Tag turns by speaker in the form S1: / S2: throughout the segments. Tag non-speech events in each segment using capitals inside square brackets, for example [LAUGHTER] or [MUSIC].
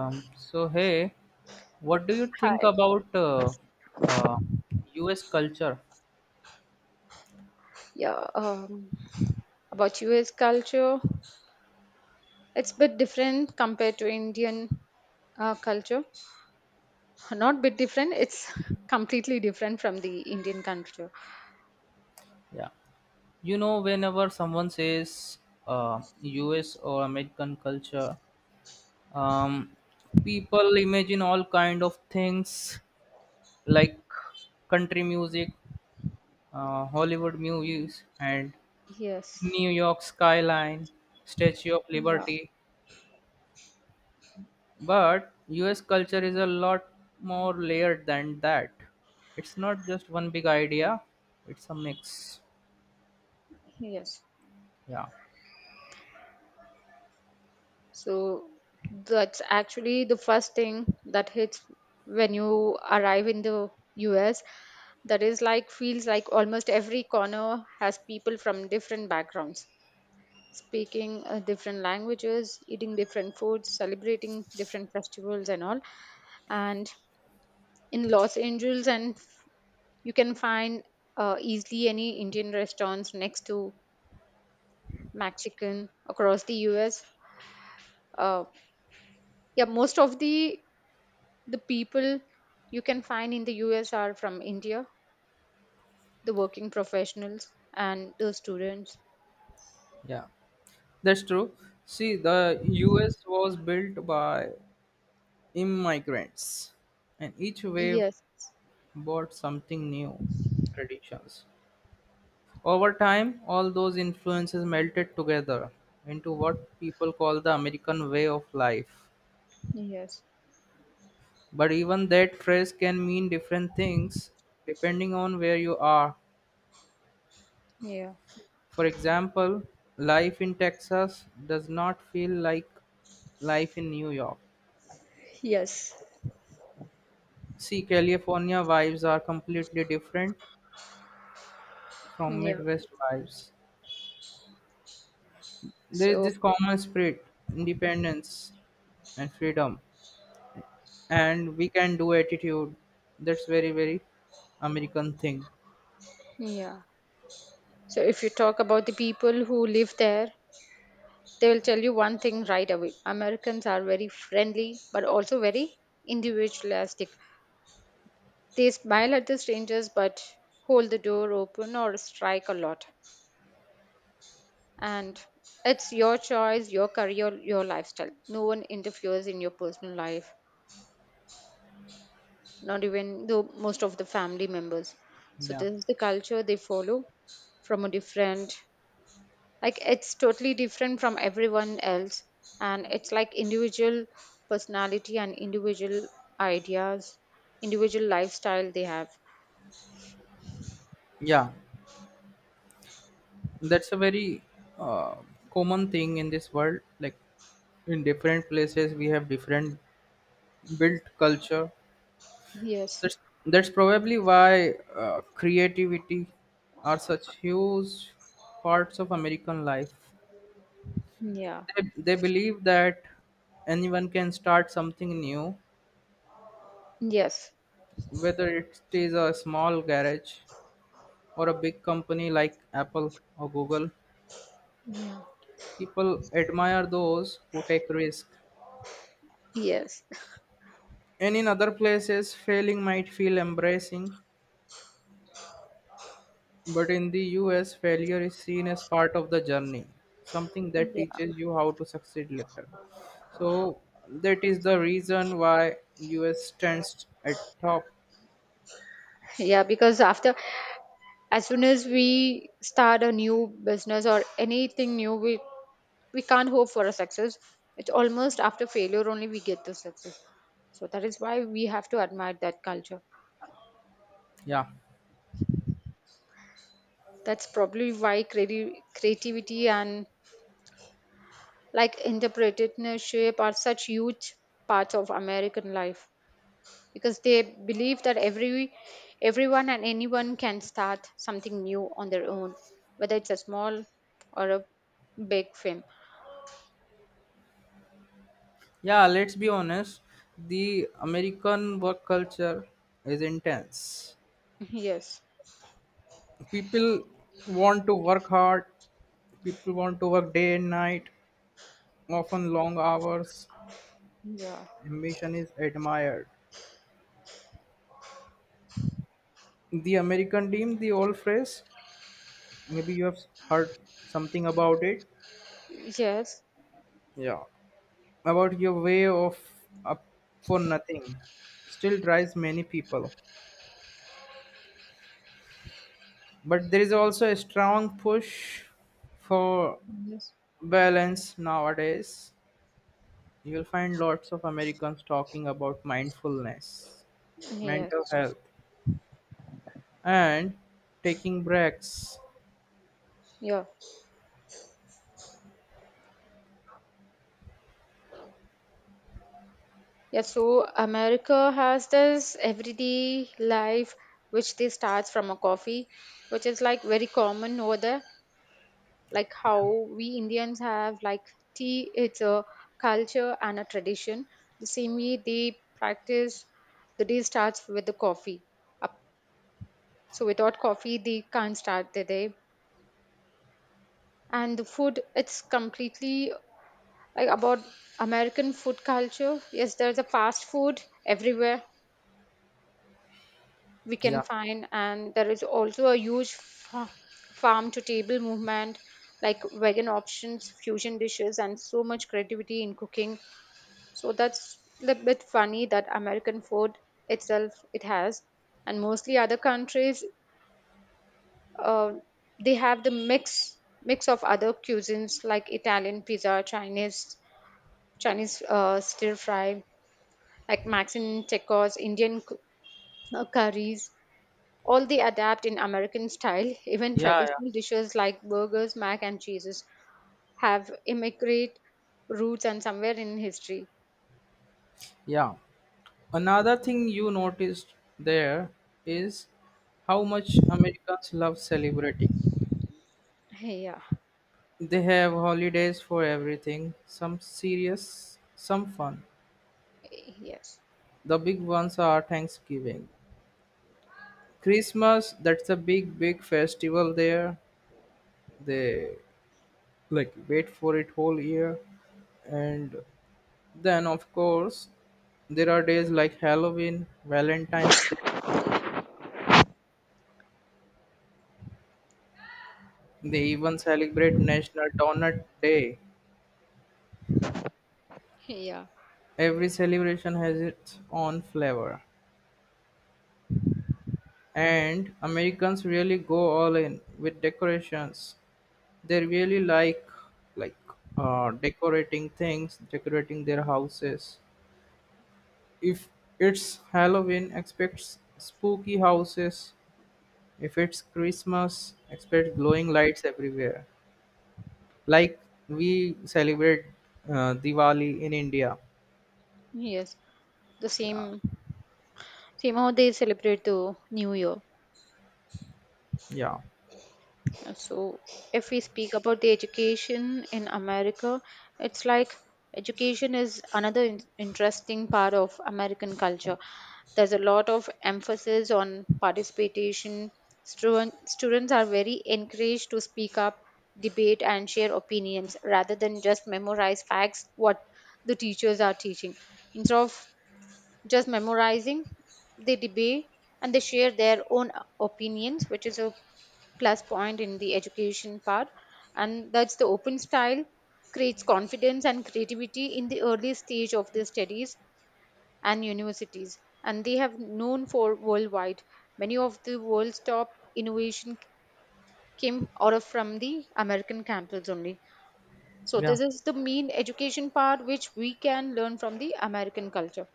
S1: So hey, what do you think
S2: Hi.
S1: about uh, U.S. culture?
S2: Yeah. About US culture, it's a bit different compared to Indian culture. Not bit different. It's [LAUGHS] completely different from the Indian culture.
S1: Yeah, you know, whenever someone says uh, U.S. or American culture, um, people imagine all kind of things like country music, Hollywood movies, and
S2: Yes.
S1: New York skyline, Statue of
S2: Yeah.
S1: Liberty. But US culture is a lot more layered than that. It's not just one big idea, it's a mix.
S2: Yes.
S1: Yeah,
S2: So that's actually the first thing that hits when you arrive in the US. That is like feels like almost every corner has people from different backgrounds, speaking different languages, eating different foods, celebrating different festivals and all. And in Los Angeles, and you can find easily any Indian restaurants next to Mexican across the U.S. Uh, yeah, most of the people you can find in the U.S. are from India, the working professionals and the students.
S1: yeah. That's true. See, the US was built by immigrants, and each wave
S2: Yes,
S1: brought something new traditions. Over time, all those influences melted together into what people call the American way of life.
S2: yes,
S1: But even that phrase can mean different things depending on where you are.
S2: yeah,
S1: For example, life in Texas does not feel like life in New York.
S2: yes,
S1: See, California vibes are completely different from
S2: yeah.
S1: Midwest vibes. There is
S2: So
S1: this common spirit, independence and freedom, and we can do attitude. That's very, very American thing.
S2: yeah. So if you talk about the people who live there, they will tell you one thing right away. Americans are very friendly, but also very individualistic. They smile at the strangers, but hold the door open or strike a lot. And it's your choice, your career, your lifestyle. No one interferes in your personal life, not even though most of the family members. So
S1: Yeah.
S2: this is the culture they follow from a different, like it's totally different from everyone else, and it's like individual personality and individual ideas, individual lifestyle they have.
S1: Yeah. That's a very uh, common thing in this world, like in different places we have different built culture.
S2: Yes,
S1: That's that's probably why creativity are such huge parts of American life.
S2: yeah,
S1: They believe that anyone can start something new,
S2: yes,
S1: whether it is a small garage or a big company like Apple or Google. People admire those who take risk.
S2: yes,
S1: And in other places, failing might feel embracing, but in the US, failure is seen as part of the journey, something that teaches
S2: yeah,
S1: you how to succeed later. So that is the reason why US stands at top.
S2: yeah. Because after, as soon as we start a new business or anything new, we can't hope for a success. It's almost after failure only we get the success, so that is why we have to admire that culture.
S1: Yeah.
S2: That's probably why creativity and like entrepreneurship are such huge parts of American life, because they believe that everyone and anyone can start something new on their own, whether it's a small or a big firm.
S1: Yeah, let's be honest. The American work culture is intense.
S2: [LAUGHS] Yes.
S1: People want to work hard. People want to work day and night, often long hours.
S2: Yeah.
S1: Ambition is admired. The American team, the old phrase. Maybe you have heard something about it.
S2: Yes. Yes.
S1: Yeah, about your way of up for nothing. Still drives many people, but there is also a strong push for balance nowadays. You will find lots of Americans talking about mindfulness, mental
S2: Yes,
S1: health, and taking breaks.
S2: yeah, yeah. So America has this everyday life, which they starts from a coffee, which is like very common over there, like how we Indians have like tea. It's a culture and a tradition. The same way they practice, the day starts with the coffee. Up- So without coffee, they can't start the day. And the food, it's completely like about American food culture. Yes, there's a fast food everywhere we can
S1: Yeah,
S2: find, and there is also a huge farm to table movement like vegan options, fusion dishes, and so much creativity in cooking. So that's a little bit funny that American food itself it has, and mostly other countries uh, they have the mix of other cuisines like Italian pizza, Chinese stir fry, like Mexican tacos, curries. All they adapt in American style. Even
S1: yeah, yeah,
S2: traditional dishes like burgers, mac and cheeses have immigrate roots and somewhere in history.
S1: yeah. Another thing you noticed there is how much Americans love celebrating.
S2: Yeah.
S1: They have holidays for everything, some serious, some fun.
S2: Yes.
S1: The big ones are Thanksgiving. Christmas, that's a big, big festival there. They like wait for it whole year. And then, of course, there are days like Halloween, Valentine's Day. They even celebrate National Donut Day.
S2: Yeah.
S1: Every celebration has its own flavor, and Americans really go all in with decorations. They really like decorating things, decorating their houses. If it's Halloween, expect spooky houses. If it's Christmas, expect glowing lights everywhere. Like we celebrate Diwali in India.
S2: Yes. The
S1: Yeah,
S2: same, same how they celebrate the new year.
S1: yeah,
S2: So if we speak about the education in America, it's like education is another interesting part of American culture. There's a lot of emphasis on participation. Students are very encouraged to speak up, debate and share opinions rather than just memorize facts what the teachers are teaching. Instead of just memorizing, they debate and they share their own opinions, which is a plus point in the education part. And that's the open style creates confidence and creativity in the early stage of their studies and universities. And they have known for worldwide. Many of the world's top innovation came out of from the American campus only. So
S1: yeah,
S2: this is the main education part which we can learn from the American culture.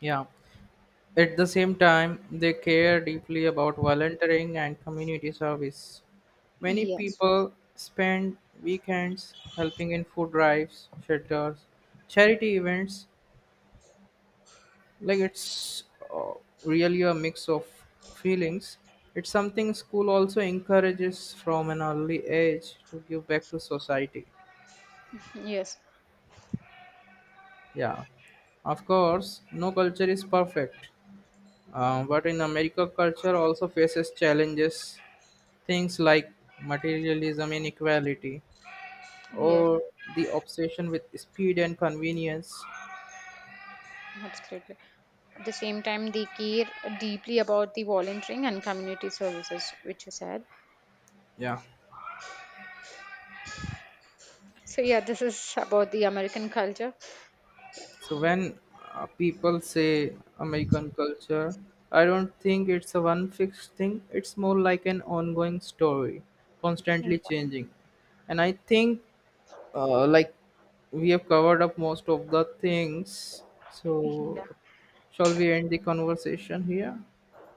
S1: yeah. At the same time, they care deeply about volunteering and community service. Many
S2: Yes.
S1: people spend weekends helping in food drives, shelters, charity events. Like it's uh, really a mix of feelings. It's something school also encourages from an early age to give back to society.
S2: Yes.
S1: Yeah. Of course, no culture is perfect. But in America, culture also faces challenges, things like materialism, inequality,
S2: Yes,
S1: or the obsession with speed and convenience.
S2: absolutely. At the same time, they care deeply about the volunteering and community services, which you said.
S1: Yeah.
S2: So, yeah, this is about the American culture.
S1: So when people say American culture, I don't think it's a one fixed thing. It's more like an ongoing story,
S2: Yeah,
S1: constantly changing. And I think like we have covered up most of the things, so
S2: yeah,
S1: shall we end the conversation here?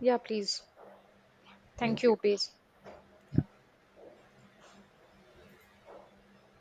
S2: yeah please. Thank
S1: Thank
S2: you,
S1: you.
S2: please.
S1: Yeah.